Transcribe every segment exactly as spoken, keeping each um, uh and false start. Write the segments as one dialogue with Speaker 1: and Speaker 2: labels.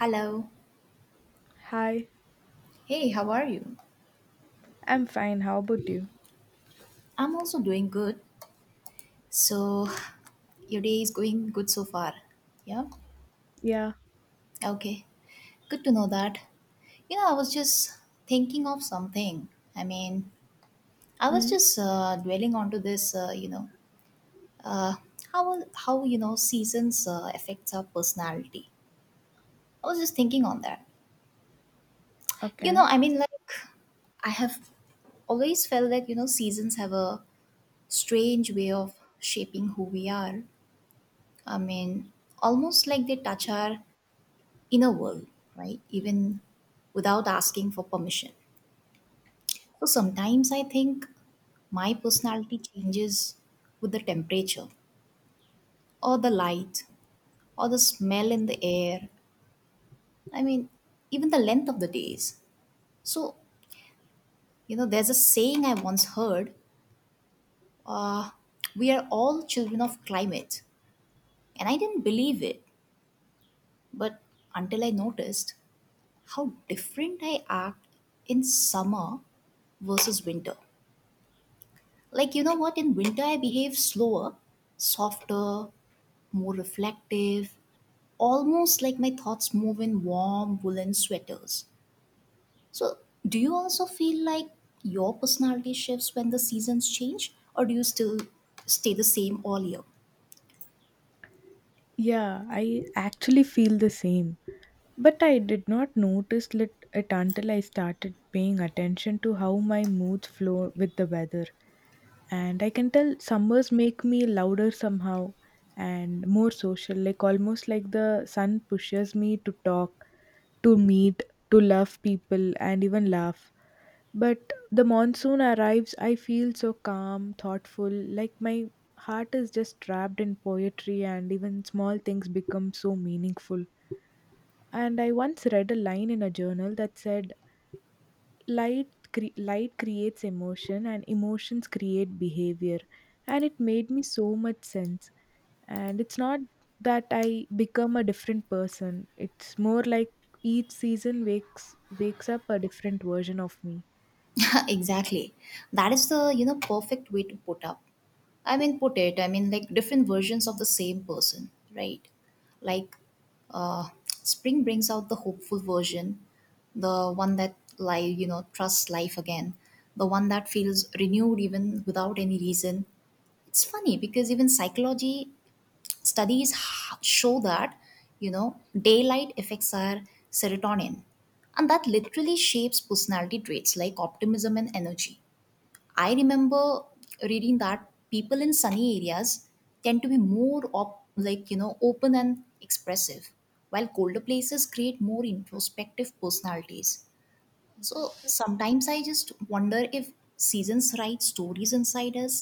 Speaker 1: Hello.
Speaker 2: Hi,
Speaker 1: Hey, how are you?
Speaker 2: I'm fine. How about you?
Speaker 1: I'm also doing good. So, your day is going good so far. Yeah?
Speaker 2: Yeah.
Speaker 1: Okay. Good to know that. You know, I was just thinking of something. I mean, I was
Speaker 2: Mm,
Speaker 1: just uh, dwelling onto this, uh, you know, uh, how, how, you know, seasons uh, affects our personality. I was just thinking on that. You know,
Speaker 2: okay.
Speaker 1: I mean, like, I have always felt that, you know, seasons have a strange way of shaping who we are. I mean, Almost like they touch our inner world, right? Even without asking for permission. So sometimes I think my personality changes with the temperature or the light or the smell in the air. I mean, Even the length of the days. So, you know, there's a saying I once heard. uh, we are all children of climate. And I didn't believe it, but until I noticed how different I act in summer versus winter. Like, you know what? In winter, I behave slower, softer, more reflective, almost like my thoughts move in warm woolen sweaters. So, do you also feel like your personality shifts when the seasons change, or do you still stay the same all year?
Speaker 2: Yeah, I actually feel the same. But I did not notice it, it until I started paying attention to how my moods flow with the weather. And I can tell summers make me louder somehow and more social, like almost like the sun pushes me to talk to meet, to love people, and even laugh. But the monsoon arrives, I feel so calm, thoughtful, like my heart is just trapped in poetry, and even small things become so meaningful. And I once read a line in a journal that said, light cre- light creates emotion, and emotions create behavior. And it made me so much sense. And it's not that I become a different person. It's more like each season wakes wakes up a different version of me.
Speaker 1: Exactly. That is the, you know, perfect way to put up. I mean, put it. I mean, like different versions of the same person, right? Like, uh, Spring brings out the hopeful version, the one that life, you know, trusts life again, the one that feels renewed even without any reason. It's funny because even psychology studies h- show that, you know, daylight affects our serotonin, and that literally shapes personality traits like optimism and energy. I remember reading that people in sunny areas tend to be more op- like you know open and expressive, while colder places create more introspective personalities. So sometimes I just wonder if seasons write stories inside us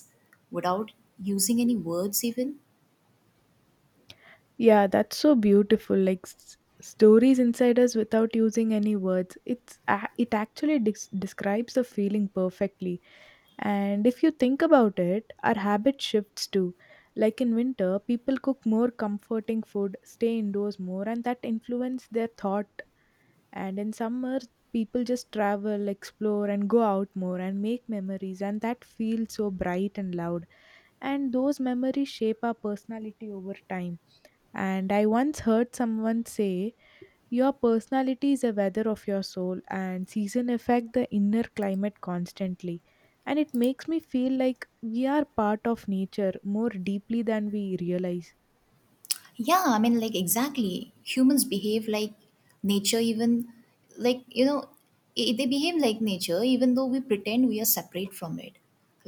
Speaker 1: without using any words even.
Speaker 2: Yeah, that's so beautiful, like s- stories inside us without using any words. It's a- it actually des- describes the feeling perfectly. And if you think about it, our habit shifts too. Like in winter, people cook more comforting food, stay indoors more, and that influence their thought. And in summer, people just travel, explore, and go out more and make memories, and that feels so bright and loud. And those memories shape our personality over time. And I once heard someone say your personality is a weather of your soul, and season affect the inner climate constantly. And it makes me feel like we are part of nature more deeply than we realize.
Speaker 1: Yeah, I mean, like, exactly. Humans behave like nature, even like, you know, i- they behave like nature, even though we pretend we are separate from it.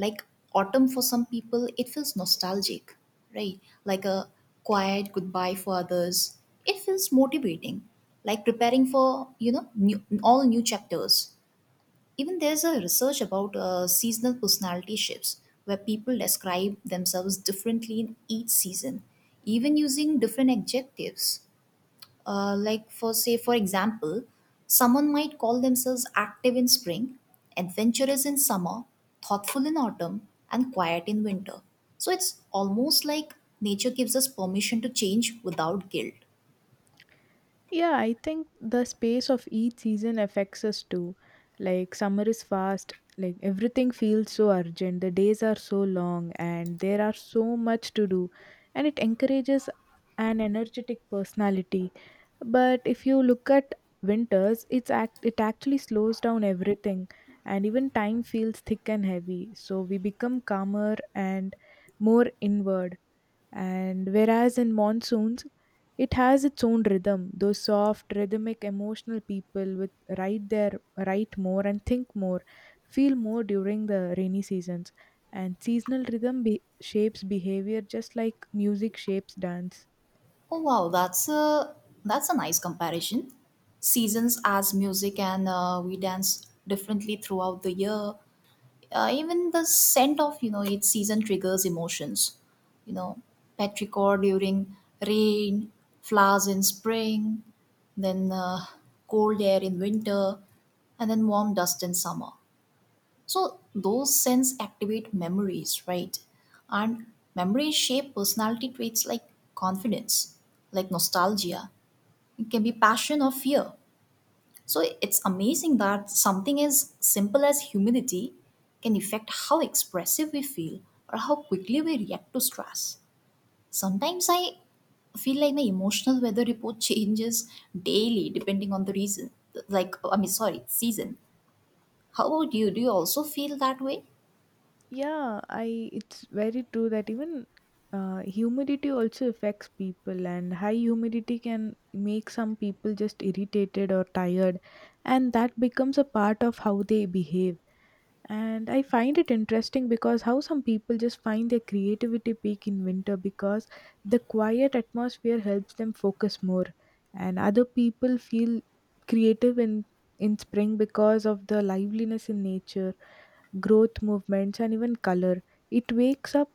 Speaker 1: Like, autumn for some people, it feels nostalgic, right? Like a quiet goodbye for others. It feels motivating, like preparing for, you know, new, all new chapters. Even there's a research about uh, seasonal personality shifts where people describe themselves differently in each season, even using different adjectives. Uh, like for say, for example, someone might call themselves active in spring, adventurous in summer, thoughtful in autumn, and quiet in winter. So it's almost like nature gives us permission to change without guilt.
Speaker 2: Yeah, I think the space of each season affects us too. Like, summer is fast, like, everything feels so urgent, the days are so long, and there are so much to do, and it encourages an energetic personality. But if you look at winters, it's act it actually slows down everything, and even time feels thick and heavy, so we become calmer and more inward. And whereas in monsoons, it has its own rhythm. Those soft, rhythmic, emotional people with write their write more and think more, feel more during the rainy seasons. And seasonal rhythm be- shapes behavior just like music shapes dance.
Speaker 1: Oh wow, that's a that's a nice comparison. Seasons as music, and uh, we dance differently throughout the year. Uh, even the scent of, you know, each season triggers emotions. You know, petrichor during rain, flowers in spring, then uh, cold air in winter, and then warm dust in summer. So those scents activate memories, right? And memories shape personality traits like confidence, like nostalgia. It can be passion or fear. So it's amazing that something as simple as humility can affect how expressive we feel or how quickly we react to stress. Sometimes I feel like my emotional weather report changes daily
Speaker 2: Hmm.
Speaker 1: depending on the reason. Like, I mean, sorry, season. How about you? Do you also feel that way?
Speaker 2: Yeah, I it's very true that even uh, humidity also affects people, and high humidity can make some people just irritated or tired, and that becomes a part of how they behave. And I find it interesting because how some people just find their creativity peak in winter because the quiet atmosphere helps them focus more, and other people feel creative in in spring because of the liveliness in nature, growth movements, and even color. It wakes up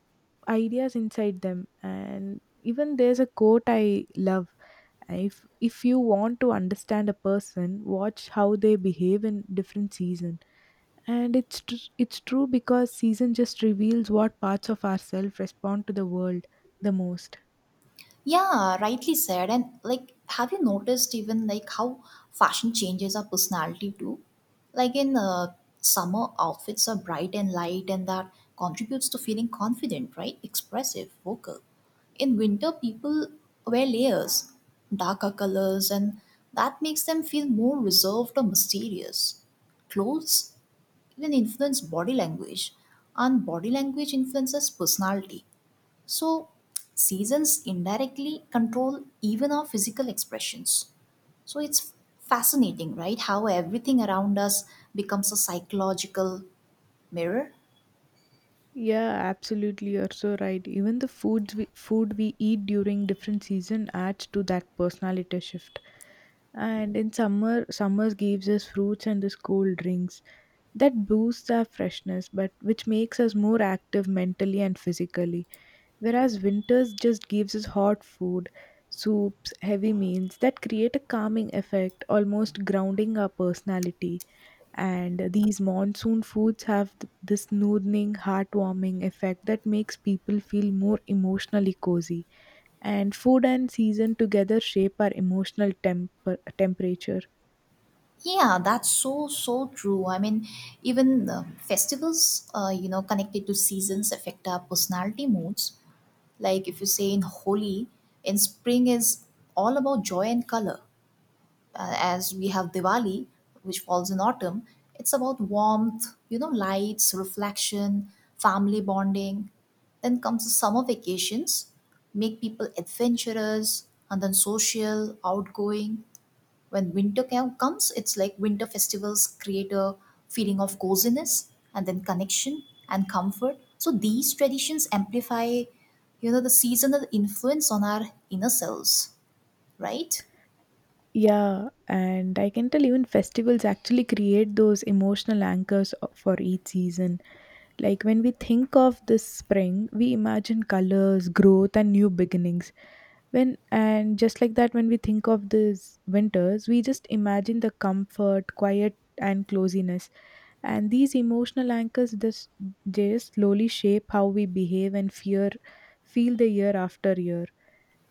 Speaker 2: ideas inside them. And even there's a quote I love, if if you want to understand a person, watch how they behave in different seasons. And it's tr- it's true because season just reveals what parts of ourselves respond to the world the most.
Speaker 1: Yeah, rightly said. And like, have you noticed even like how fashion changes our personality too? Like in uh, summer, outfits are bright and light, and that contributes to feeling confident, right? Expressive, vocal. In winter, people wear layers, darker colors, and that makes them feel more reserved or mysterious. Clothes even influence body language, and body language influences personality. So, seasons indirectly control even our physical expressions. So, it's fascinating, right? How everything around us becomes a psychological mirror.
Speaker 2: Yeah, absolutely. You're so right. Even the foods we, food we eat during different season adds to that personality shift. And in summer, summer gives us fruits and this cold drinks that boosts our freshness, but which makes us more active mentally and physically. Whereas winters just gives us hot food, soups, heavy meals that create a calming effect, almost grounding our personality. And these monsoon foods have th- this soothing, heartwarming effect that makes people feel more emotionally cozy. And food and season together shape our emotional temper- temperature.
Speaker 1: Yeah, that's so, so true. I mean, even uh, festivals, uh, you know, connected to seasons affect our personality moods. Like if you say in Holi, in spring is all about joy and color. Uh, as we have Diwali, which falls in autumn, it's about warmth, you know, lights, reflection, family bonding. Then comes the summer vacations, make people adventurous and then social, outgoing. When winter ca- comes, it's like winter festivals create a feeling of coziness and then connection and comfort. So these traditions amplify, you know, the seasonal influence on our inner selves, right?
Speaker 2: Yeah, and I can tell even festivals actually create those emotional anchors o- for each season. Like when we think of this spring, we imagine colors, growth, and new beginnings. When and just like that, when we think of these winters, we just imagine the comfort, quiet, and coziness. And these emotional anchors just they just slowly shape how we behave and fear feel the year after year.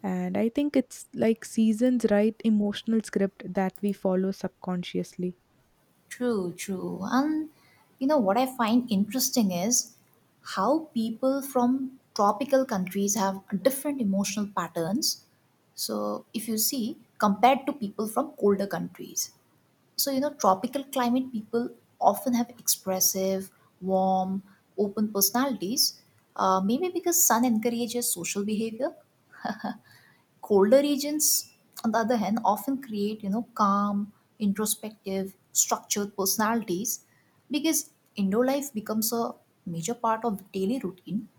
Speaker 2: And I think it's like seasons write emotional script that we follow subconsciously.
Speaker 1: True, true. And you know what I find interesting is how people from tropical countries have different emotional patterns. So, if you see, compared to people from colder countries. So, you know, tropical climate people often have expressive, warm, open personalities, uh, maybe because sun encourages social behavior. Colder regions, on the other hand, often create, you know, calm, introspective, structured personalities because indoor life becomes a major part of the daily routine.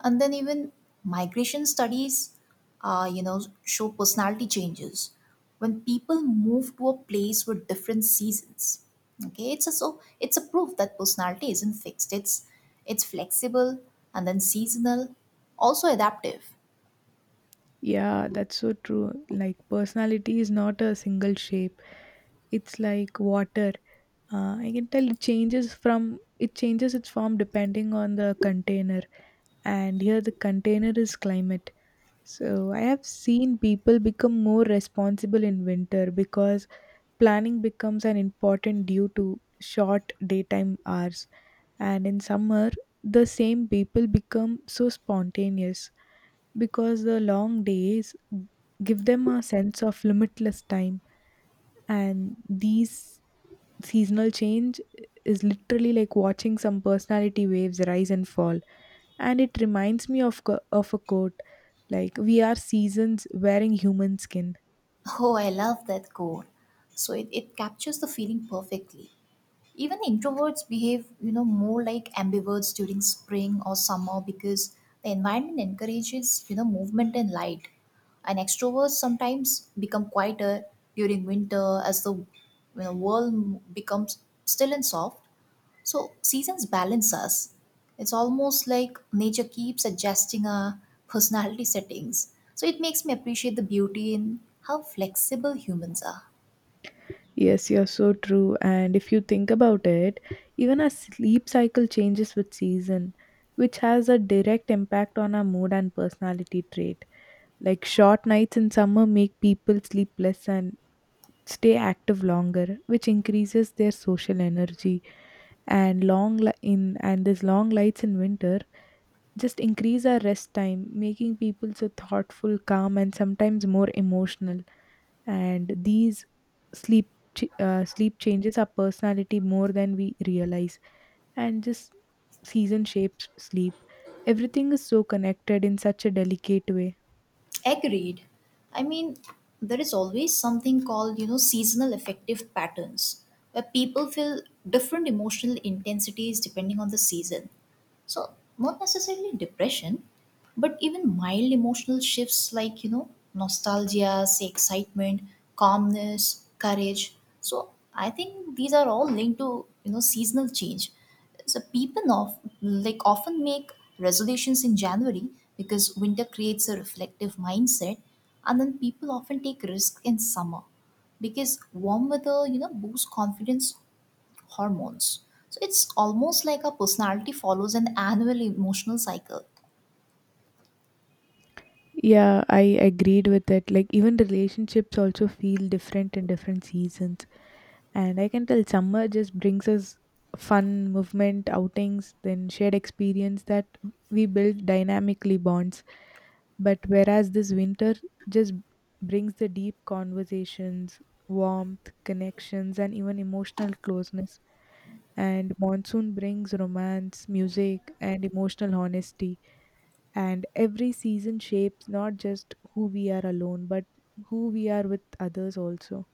Speaker 1: And then even migration studies, uh, you know, show personality changes when people move to a place with different seasons. Okay, it's a so it's a proof that personality isn't fixed. It's it's flexible and then seasonal, also adaptive.
Speaker 2: Yeah, that's so true. Like personality is not a single shape. It's like water. Uh, I can tell it changes from it changes its form depending on the container. And here the container is climate. So I have seen people become more responsible in winter because planning becomes an important due to short daytime hours, and in summer the same people become so spontaneous because the long days give them a sense of limitless time. And these seasonal change is literally like watching some personality waves rise and fall, and it reminds me of co- of a quote, like we are seasons wearing human skin.
Speaker 1: Oh, I love that core. So it, it captures the feeling perfectly. Even introverts behave, you know, more like ambiverts during spring or summer because the environment encourages, you know, movement and light. And extroverts sometimes become quieter during winter as the you know, world becomes still and soft. So seasons balance us. It's almost like nature keeps adjusting our personality settings. So it makes me appreciate the beauty in how flexible humans are.
Speaker 2: Yes, you're so true. And if you think about it, even our sleep cycle changes with season, which has a direct impact on our mood and personality trait. Like short nights in summer make people sleep less and stay active longer, which increases their social energy. And long li- in and these long lights in winter just increase our rest time, making people so thoughtful, calm, and sometimes more emotional. And these sleep ch- uh, sleep changes our personality more than we realize. And just season shapes sleep, everything is so connected in such a delicate way.
Speaker 1: Agreed. I mean, there is always something called, you know, seasonal affective patterns, where people feel different emotional intensities depending on the season. So, not necessarily depression, but even mild emotional shifts like, you know, nostalgia, say excitement, calmness, courage. So, I think these are all linked to, you know, seasonal change. So people of like often make resolutions in January because winter creates a reflective mindset, and then people often take risks in summer because warm weather, you know, boosts confidence hormones. So it's almost like our personality follows an annual emotional cycle.
Speaker 2: Yeah, I agreed with that. Like even relationships also feel different in different seasons. And I can tell summer just brings us fun movement, outings, then shared experience that we build dynamically bonds. But whereas this winter just brings the deep conversations, warmth, connections, and even emotional closeness. And monsoon brings romance, music, and emotional honesty. And every season shapes not just who we are alone, but who we are with others also.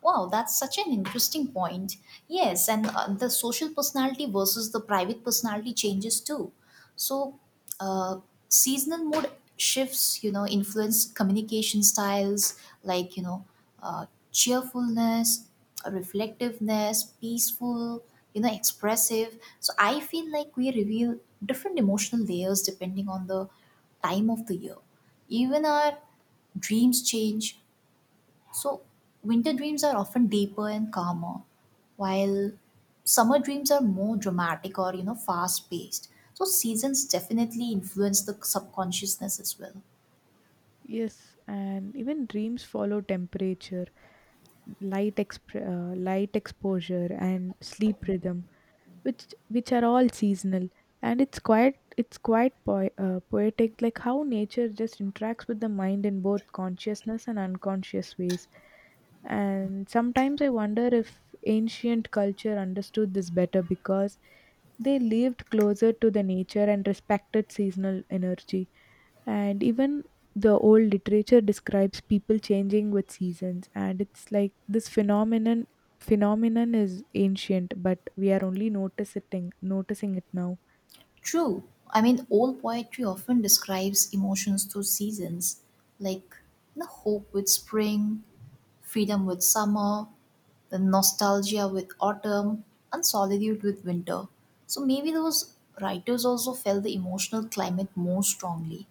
Speaker 1: Wow, that's such an interesting point. Yes, and uh, the social personality versus the private personality changes too. So, uh, seasonal mood shifts, you know, influence communication styles like, you know, uh, cheerfulness, reflectiveness, peaceful, you know, expressive. So, I feel like we reveal different emotional layers depending on the time of the year. Even our dreams change, so, winter dreams are often deeper and calmer, while summer dreams are more dramatic or, you know, fast paced. So, seasons definitely influence the subconsciousness as well.
Speaker 2: Yes, and even dreams follow temperature, light exp- uh, light exposure, and sleep rhythm, which which are all seasonal. And it's quite it's quite po- uh, poetic, like how nature just interacts with the mind in both consciousness and unconscious ways. And sometimes I wonder if ancient culture understood this better because they lived closer to the nature and respected seasonal energy. And even the old literature describes people changing with seasons, and it's like this phenomenon phenomenon is ancient, but we are only noticing noticing it now.
Speaker 1: True. I mean, old poetry often describes emotions through seasons, like, you know, hope with spring, freedom with summer, the nostalgia with autumn, and solitude with winter. So maybe those writers also felt the emotional climate more strongly.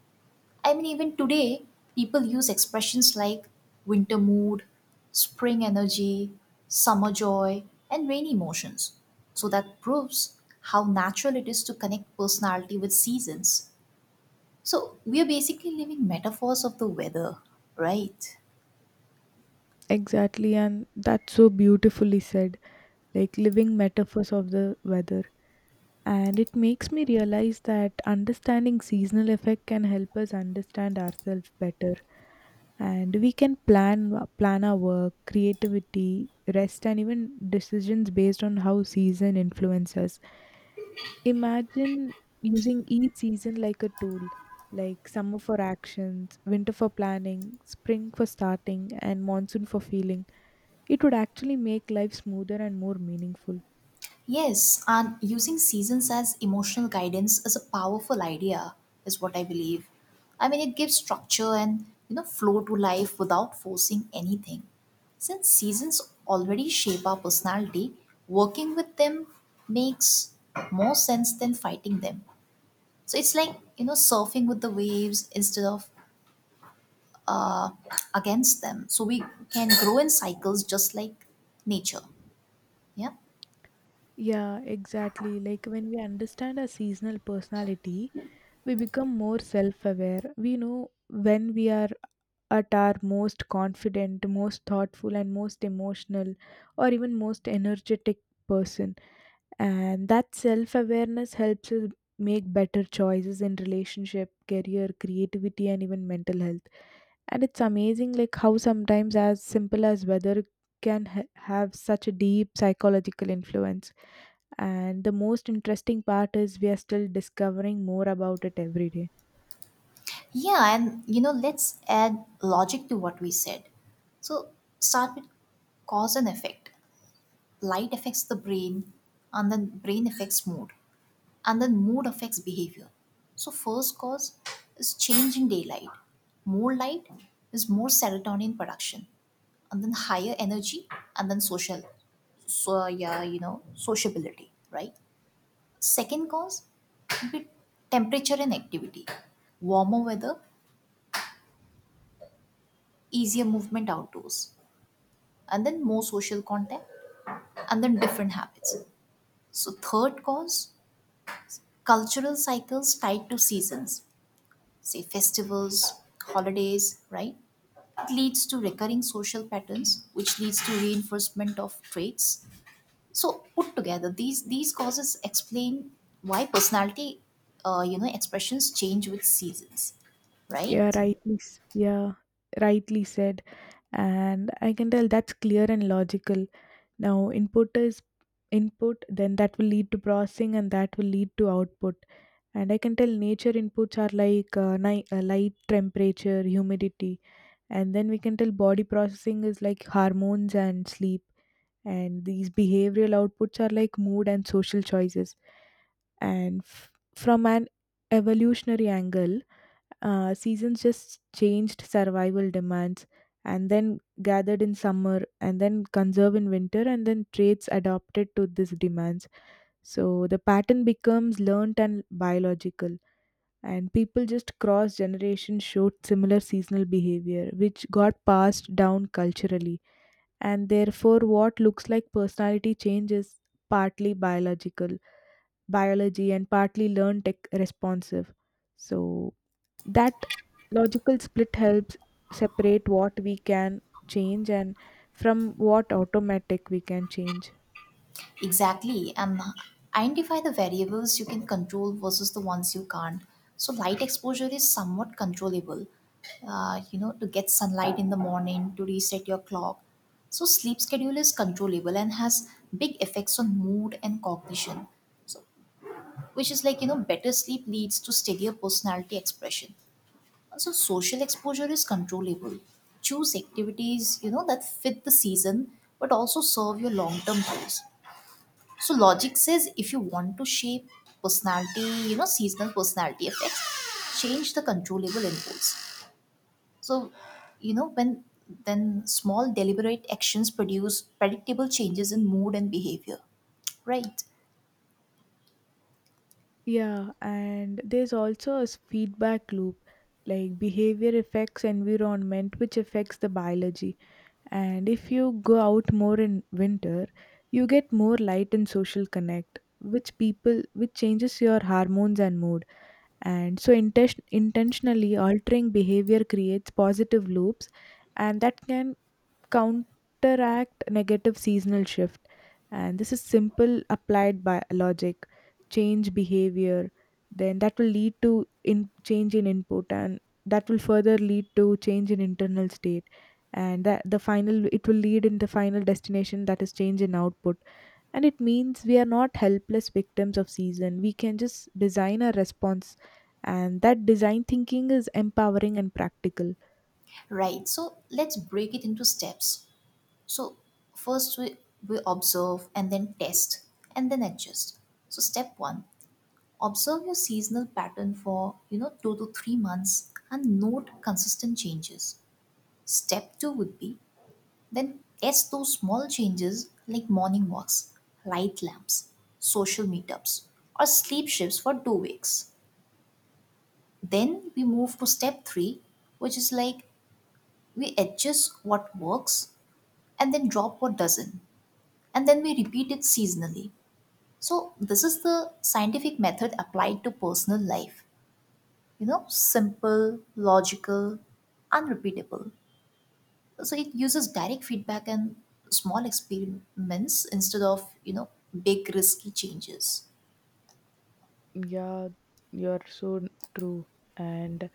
Speaker 1: I mean, even today, people use expressions like winter mood, spring energy, summer joy, and rain emotions. So that proves how natural it is to connect personality with seasons. So we are basically living metaphors of the weather, right?
Speaker 2: Exactly, and that's so beautifully said, like living metaphors of the weather. And it makes me realize that understanding seasonal effect can help us understand ourselves better. And we can plan plan our work, creativity, rest, and even decisions based on how season influences. Imagine using each season like a tool, like summer for actions, winter for planning, spring for starting, and monsoon for feeling. It would actually make life smoother and more meaningful.
Speaker 1: Yes, and using seasons as emotional guidance is a powerful idea, is what I believe. I mean, it gives structure and you know flow to life without forcing anything. Since seasons already shape our personality, working with them makes more sense than fighting them. So it's like you know surfing with the waves instead of uh, against them. So we can grow in cycles just like nature. Yeah.
Speaker 2: Yeah, exactly. Like when we understand our seasonal personality, we become more self aware. We know when we are at our most confident, most thoughtful, and most emotional, or even most energetic person. And that self awareness helps us make better choices in relationship, career, creativity, and even mental health. And it's amazing, like how sometimes as simple as weather can ha- have such a deep psychological influence. And the most interesting part is we are still discovering more about it every day.
Speaker 1: Yeah, and you know, let's add logic to what we said. So start with cause and effect. Light affects the brain, and then brain affects mood, and then mood affects behavior. So first cause is change in daylight. More light is more serotonin production, and then higher energy, and then social, so yeah, you know, sociability, right? Second cause would be temperature and activity, warmer weather, easier movement outdoors, and then more social contact, and then different habits. So third cause, cultural cycles tied to seasons, say festivals, holidays, right? It leads to recurring social patterns, which leads to reinforcement of traits. So put together, these these causes explain why personality uh, you know expressions change with seasons,
Speaker 2: Yeah,
Speaker 1: right?
Speaker 2: rightly s- yeah rightly said. And I can tell that's clear and logical. Now input is input, then that will lead to processing, and that will lead to output. And I can tell nature inputs are like uh, ni- uh, light, temperature, humidity. And then we can tell body processing is like hormones and sleep, and these behavioral outputs are like mood and social choices. And f- from an evolutionary angle, uh, seasons just changed survival demands, and then gathered in summer and then conserve in winter, and then traits adapted to these demands. So the pattern becomes learnt and biological, and people just cross generations showed similar seasonal behavior which got passed down culturally. And therefore what looks like personality change is partly biological biology and partly learned tech responsive. So that logical split helps separate what we can change and from what automatic we can change.
Speaker 1: Exactly, and identify the variables you can control versus the ones you can't. So light exposure is somewhat controllable. Uh, you know, to get sunlight in the morning, to reset your clock. So sleep schedule is controllable and has big effects on mood and cognition. So, which is like you know, better sleep leads to steadier personality expression. Also, social exposure is controllable. Choose activities you know that fit the season, but also serve your long-term goals. So logic says if you want to shape personality, you know, seasonal personality effects, change the controllable inputs. So, you know, when then small deliberate actions produce predictable changes in mood and behavior. Right.
Speaker 2: Yeah, and there's also a s- feedback loop, like behavior affects environment which affects the biology. And if you go out more in winter, you get more light and social connect, which people which changes your hormones and mood. And so inten- intentionally altering behavior creates positive loops, and that can counteract negative seasonal shift. And this is simple applied by logic, change behavior, then that will lead to in change in input, and that will further lead to change in internal state, and that the final it will lead in the final destination, that is change in output. And it means we are not helpless victims of season, we can just design a response. And that design thinking is empowering and practical.
Speaker 1: Right. So let's break it into steps. So first we, we observe and then test and then adjust. So step one, observe your seasonal pattern for you know two to three months and note consistent changes. Step two would be, then test those small changes like morning walks, light lamps, social meetups, or sleep shifts for two weeks. Then we move to step three, which is like we adjust what works and then drop what doesn't, and then we repeat it seasonally. So this is the scientific method applied to personal life. You know, simple, logical, unrepeatable, so it uses direct feedback and small experiments instead of you know big risky changes.
Speaker 2: Yeah, you're so n- true. And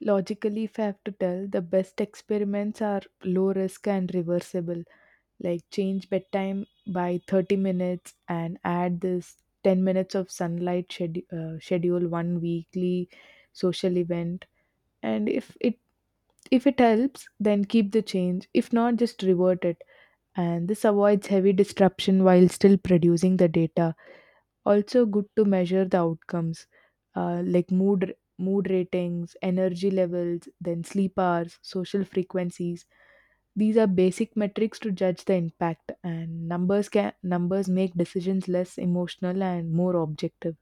Speaker 2: logically, if I have to tell, the best experiments are low risk and reversible. Like change bedtime by 30 minutes and add this 10 minutes of sunlight, schedu- uh, schedule one weekly social event. And if it if it helps, then keep the change. If not, just revert it. And this avoids heavy disruption while still producing the data, also good to measure the outcomes, uh, like mood mood ratings, energy levels, then sleep hours, social frequencies. These are basic metrics to judge the impact, and numbers can numbers make decisions less emotional and more objective.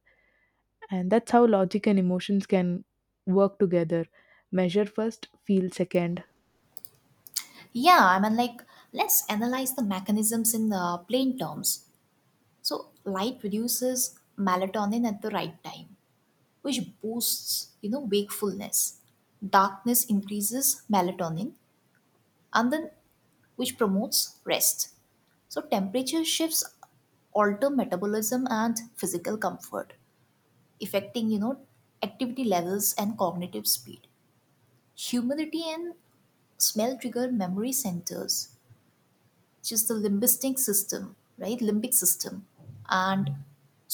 Speaker 2: And that's how logic and emotions can work together. Measure first, feel second.
Speaker 1: Yeah, i mean like let's analyze the mechanisms in uh, plain terms. So light produces melatonin at the right time, which boosts, you know, wakefulness. Darkness increases melatonin and then, which promotes rest. So temperature shifts alter metabolism and physical comfort, affecting, you know, activity levels and cognitive speed. Humidity and smell trigger memory centers, which is the limbistic system, right, limbic system. And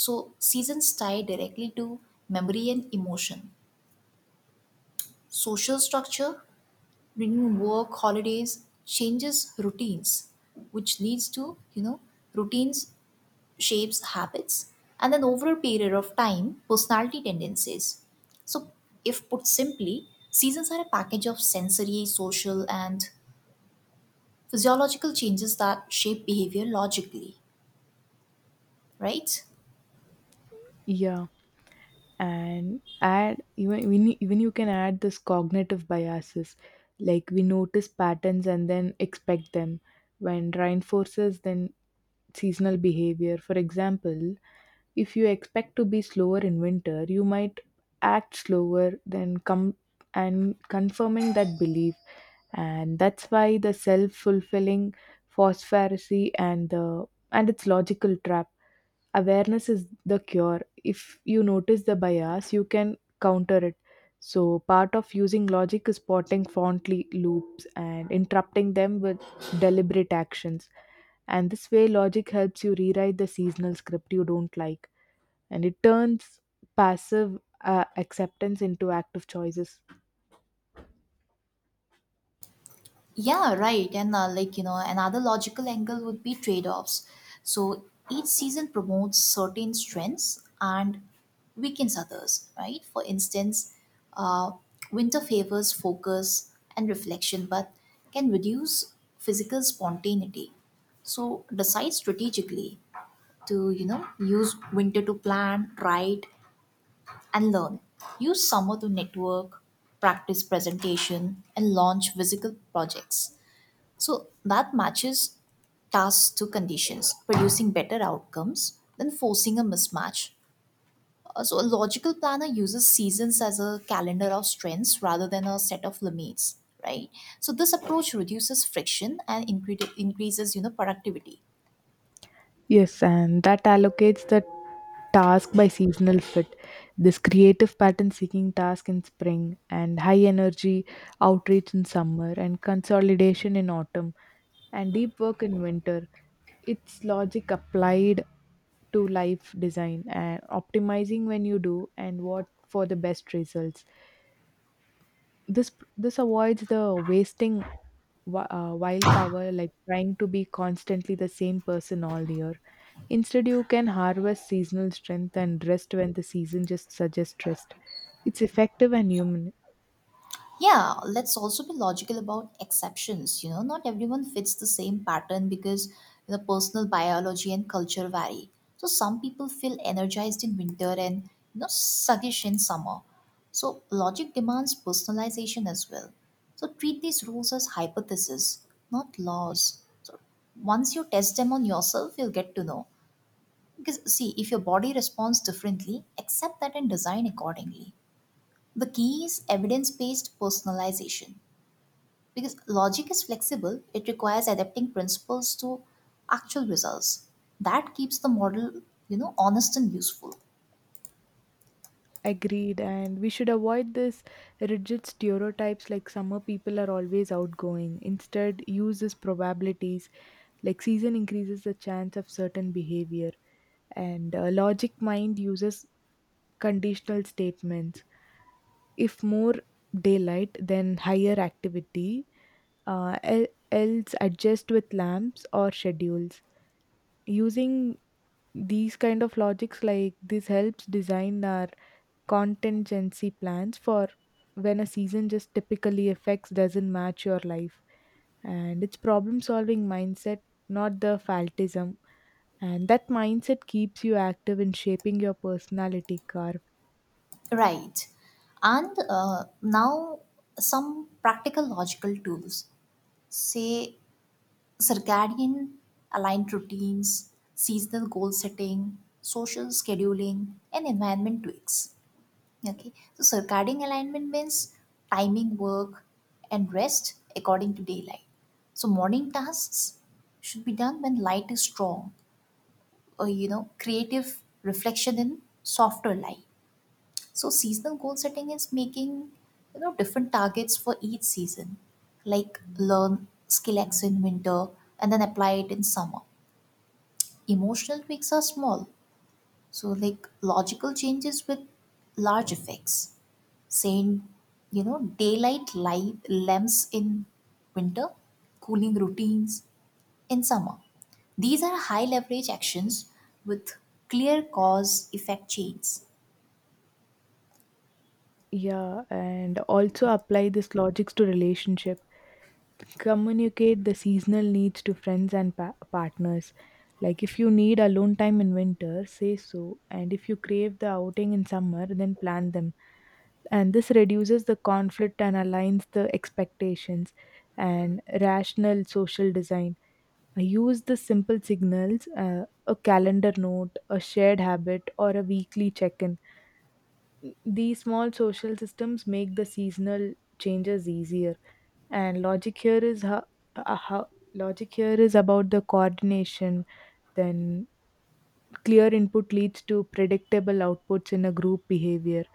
Speaker 1: so seasons tie directly to memory and emotion. Social structure, bringing work holidays, changes routines, which leads to, you know, routines shapes habits and then over a period of time personality tendencies. So if put simply, seasons are a package of sensory, social, and physiological changes that shape behavior logically, right?
Speaker 2: Yeah, and add, even we need, even you can add this cognitive biases. Like we notice patterns and then expect them, when reinforces then seasonal behavior. For example, if you expect to be slower in winter, you might act slower than come, and confirming that belief. And that's why the self-fulfilling phosphoracy and the and its logical trap. Awareness is the cure. If you notice the bias, you can counter it. So part of using logic is spotting faulty loops and interrupting them with deliberate actions. And this way logic helps you rewrite the seasonal script you don't like, and it turns passive uh, acceptance into active choices.
Speaker 1: Yeah, right. And uh, like, you know, another logical angle would be trade offs. So each season promotes certain strengths and weakens others, right? For instance, uh, winter favors focus and reflection, but can reduce physical spontaneity. So decide strategically to, you know, use winter to plan, write, and learn. Use summer to network, practice presentation, and launch physical projects, so that matches tasks to conditions, producing better outcomes than forcing a mismatch. Uh, So a logical planner uses seasons as a calendar of strengths rather than a set of limits, right? So this approach reduces friction and incre- increases, you know, productivity.
Speaker 2: Yes, and that allocates the task by seasonal fit. This creative pattern seeking task in spring, and high energy outreach in summer, and consolidation in autumn, and deep work in winter. It's logic applied to life design and optimizing when you do and what for the best results. This this avoids the wasting wi- uh, while power, like trying to be constantly the same person all year. Instead you can harvest seasonal strength and rest when the season just suggests rest. It's effective and human.
Speaker 1: Yeah, let's also be logical about exceptions. You know, not everyone fits the same pattern because, you know, personal biology and culture vary. So some people feel energized in winter and, you know, sluggish in summer. So logic demands personalization as well. So treat these rules as hypotheses, not laws. So once you test them on yourself, you'll get to know. Because see, if your body responds differently, accept that and design accordingly. The key is evidence-based personalization, because logic is flexible, it requires adapting principles to actual results. That keeps the model, you know, honest and useful.
Speaker 2: Agreed, and we should avoid this rigid stereotypes like summer people are always outgoing. Instead use these probabilities, like season increases the chance of certain behavior. And uh, logic mind uses conditional statements. If more daylight, then higher activity, uh, el- else adjust with lamps or schedules. Using these kind of logics like this helps design our contingency plans for when a season just typically affects doesn't match your life. And it's problem solving mindset, not the faltism. And that mindset keeps you active in shaping your personality curve.
Speaker 1: Right. And uh, now some practical logical tools, say circadian aligned routines, seasonal goal setting, social scheduling, and environment tweaks. Okay. So circadian alignment means timing work and rest according to daylight. So morning tasks should be done when light is strong, or, you know, creative reflection in softer light. So seasonal goal setting is making, you know, different targets for each season, like learn skill X in winter and then apply it in summer. Emotional tweaks are small, so like logical changes with large effects, saying, you know, daylight light lamps in winter, cooling routines in summer. These are high leverage actions with clear cause effect chains.
Speaker 2: Yeah, and also apply this logics to relationship. Communicate the seasonal needs to friends and pa- partners. Like if you need alone time in winter, say so. And if you crave the outing in summer, then plan them. And this reduces the conflict and aligns the expectations, and rational social design. I use the simple signals, uh, a calendar note, a shared habit, or a weekly check in. These small social systems make the seasonal changes easier. And logic here is how, uh, how logic here is about the coordination. Then clear input leads to predictable outputs in a group behavior.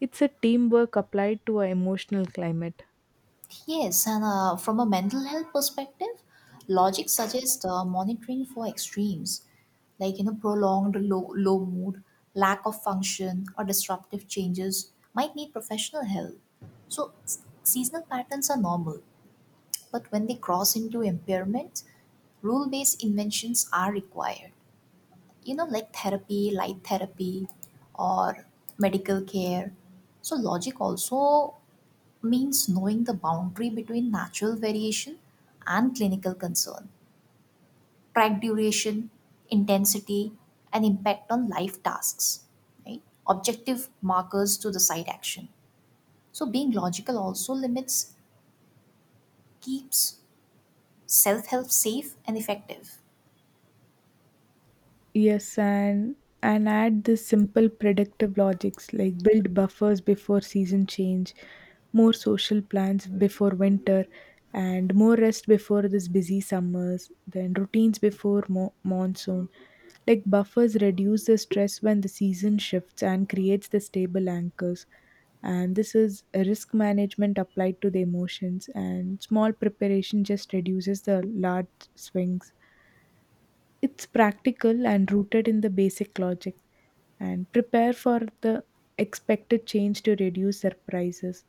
Speaker 2: It's a teamwork applied to an emotional climate.
Speaker 1: Yes, and uh, from a mental health perspective, logic suggests uh, monitoring for extremes, like, you know, prolonged low, low mood, lack of function, or disruptive changes might need professional help. So s- seasonal patterns are normal, but when they cross into impairment, rule based inventions are required. You know, like therapy, light therapy, or medical care. So logic also means knowing the boundary between natural variation and clinical concern. Track duration, intensity, and impact on life tasks, right? Objective markers to the side action. So being logical also limits, keeps self help safe and effective.
Speaker 2: Yes, and and add this simple predictive logics, like build buffers before season change, more social plans before winter, and more rest before this busy summers, then routines before mo- monsoon. Like buffers reduce the stress when the season shifts and creates the stable anchors. And this is a risk management applied to the emotions, and small preparation just reduces the large swings. It's practical and rooted in the basic logic, and prepare for the expected change to reduce surprises.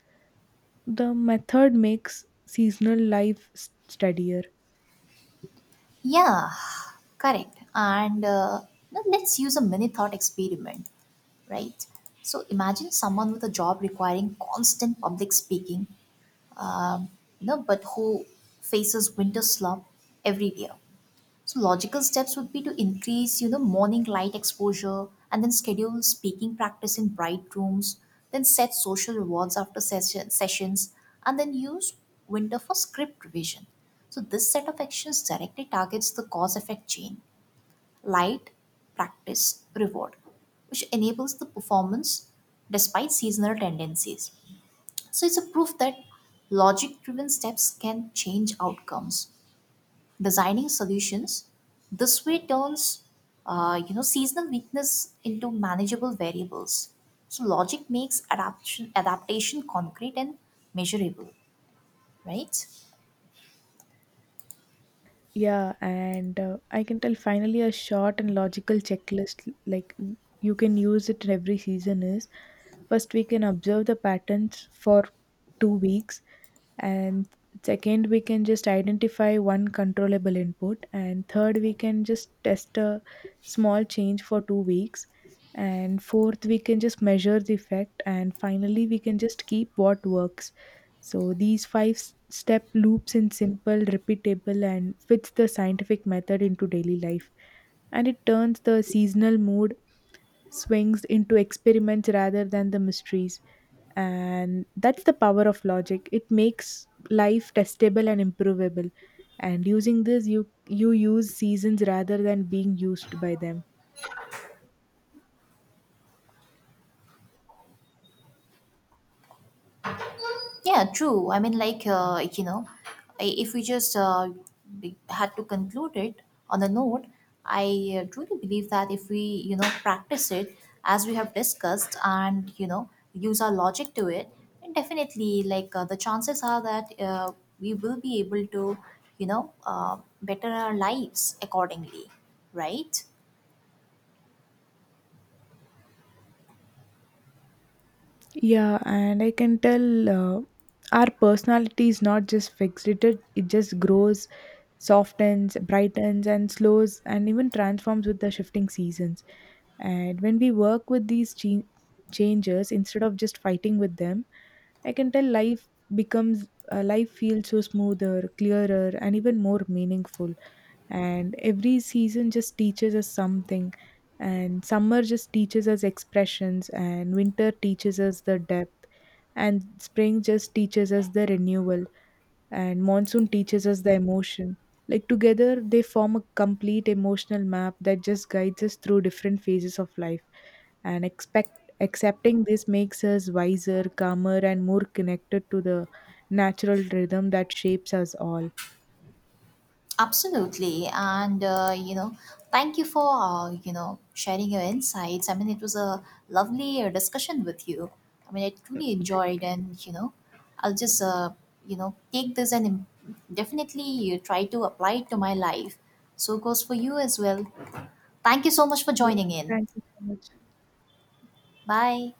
Speaker 2: The method makes seasonal life s- steadier.
Speaker 1: Yeah, correct. And uh, now let's use a mini thought experiment, right? So imagine someone with a job requiring constant public speaking, um, you know, but who faces winter slump every year. So logical steps would be to increase, you know, morning light exposure and then schedule speaking practice in bright rooms, then set social rewards after session, sessions, and then use winter for script revision. So this set of actions directly targets the cause effect chain, light, practice, reward, which enables the performance despite seasonal tendencies. So it's a proof that logic driven steps can change outcomes, designing solutions. This way turns uh, you know, seasonal weakness into manageable variables. So logic makes adaptation adaptation concrete and measurable, right?
Speaker 2: Yeah, and uh, I can tell finally a short and logical checklist like y- you can use it in every season is, first we can observe the patterns for two weeks, and second we can just identify one controllable input, and third we can just test a small change for two weeks, and fourth we can just measure the effect, and finally we can just keep what works. So these five s- step loops in simple repeatable and fits the scientific method into daily life, and it turns the seasonal mood swings into experiments rather than the mysteries. And that's the power of logic. It makes life testable and improvable. And using this, you you use seasons rather than being used by them.
Speaker 1: Yeah, true. I mean, like, uh, like, you know, I- if we just uh, be- had to conclude it on a note, I uh, truly believe that if we, you know, practice it as we have discussed and, you know, use our logic to it, then definitely, like, uh, the chances are that uh, we will be able to, you know, uh, better our lives accordingly, right?
Speaker 2: Yeah, and I can tell uh, our personality is not just fixed. It it it just grows, softens, brightens, and slows, and even transforms with the shifting seasons. And when we work with these ch- changes instead of just fighting with them, I can tell life becomes uh, life feels so smoother, clearer, and even more meaningful. And every season just teaches us something. And summer just teaches us expressions, and winter teaches us the depth, and spring just teaches us the renewal, and monsoon teaches us the emotion. Like together, they form a complete emotional map that just guides us through different phases of life. And expect accepting this makes us wiser, calmer, and more connected to the natural rhythm that shapes us all.
Speaker 1: Absolutely. And uh, you know, thank you for uh, you know, sharing your insights. I mean, it was a lovely uh, discussion with you. I mean, I truly
Speaker 2: Thank
Speaker 1: enjoyed,
Speaker 2: you.
Speaker 1: and you know, I'll just uh, you know, take this and im- definitely you try to apply it to my life. So goes for you as well. Thank you so much for
Speaker 2: Yeah,
Speaker 1: joining in.
Speaker 2: thank you so much.
Speaker 1: Bye.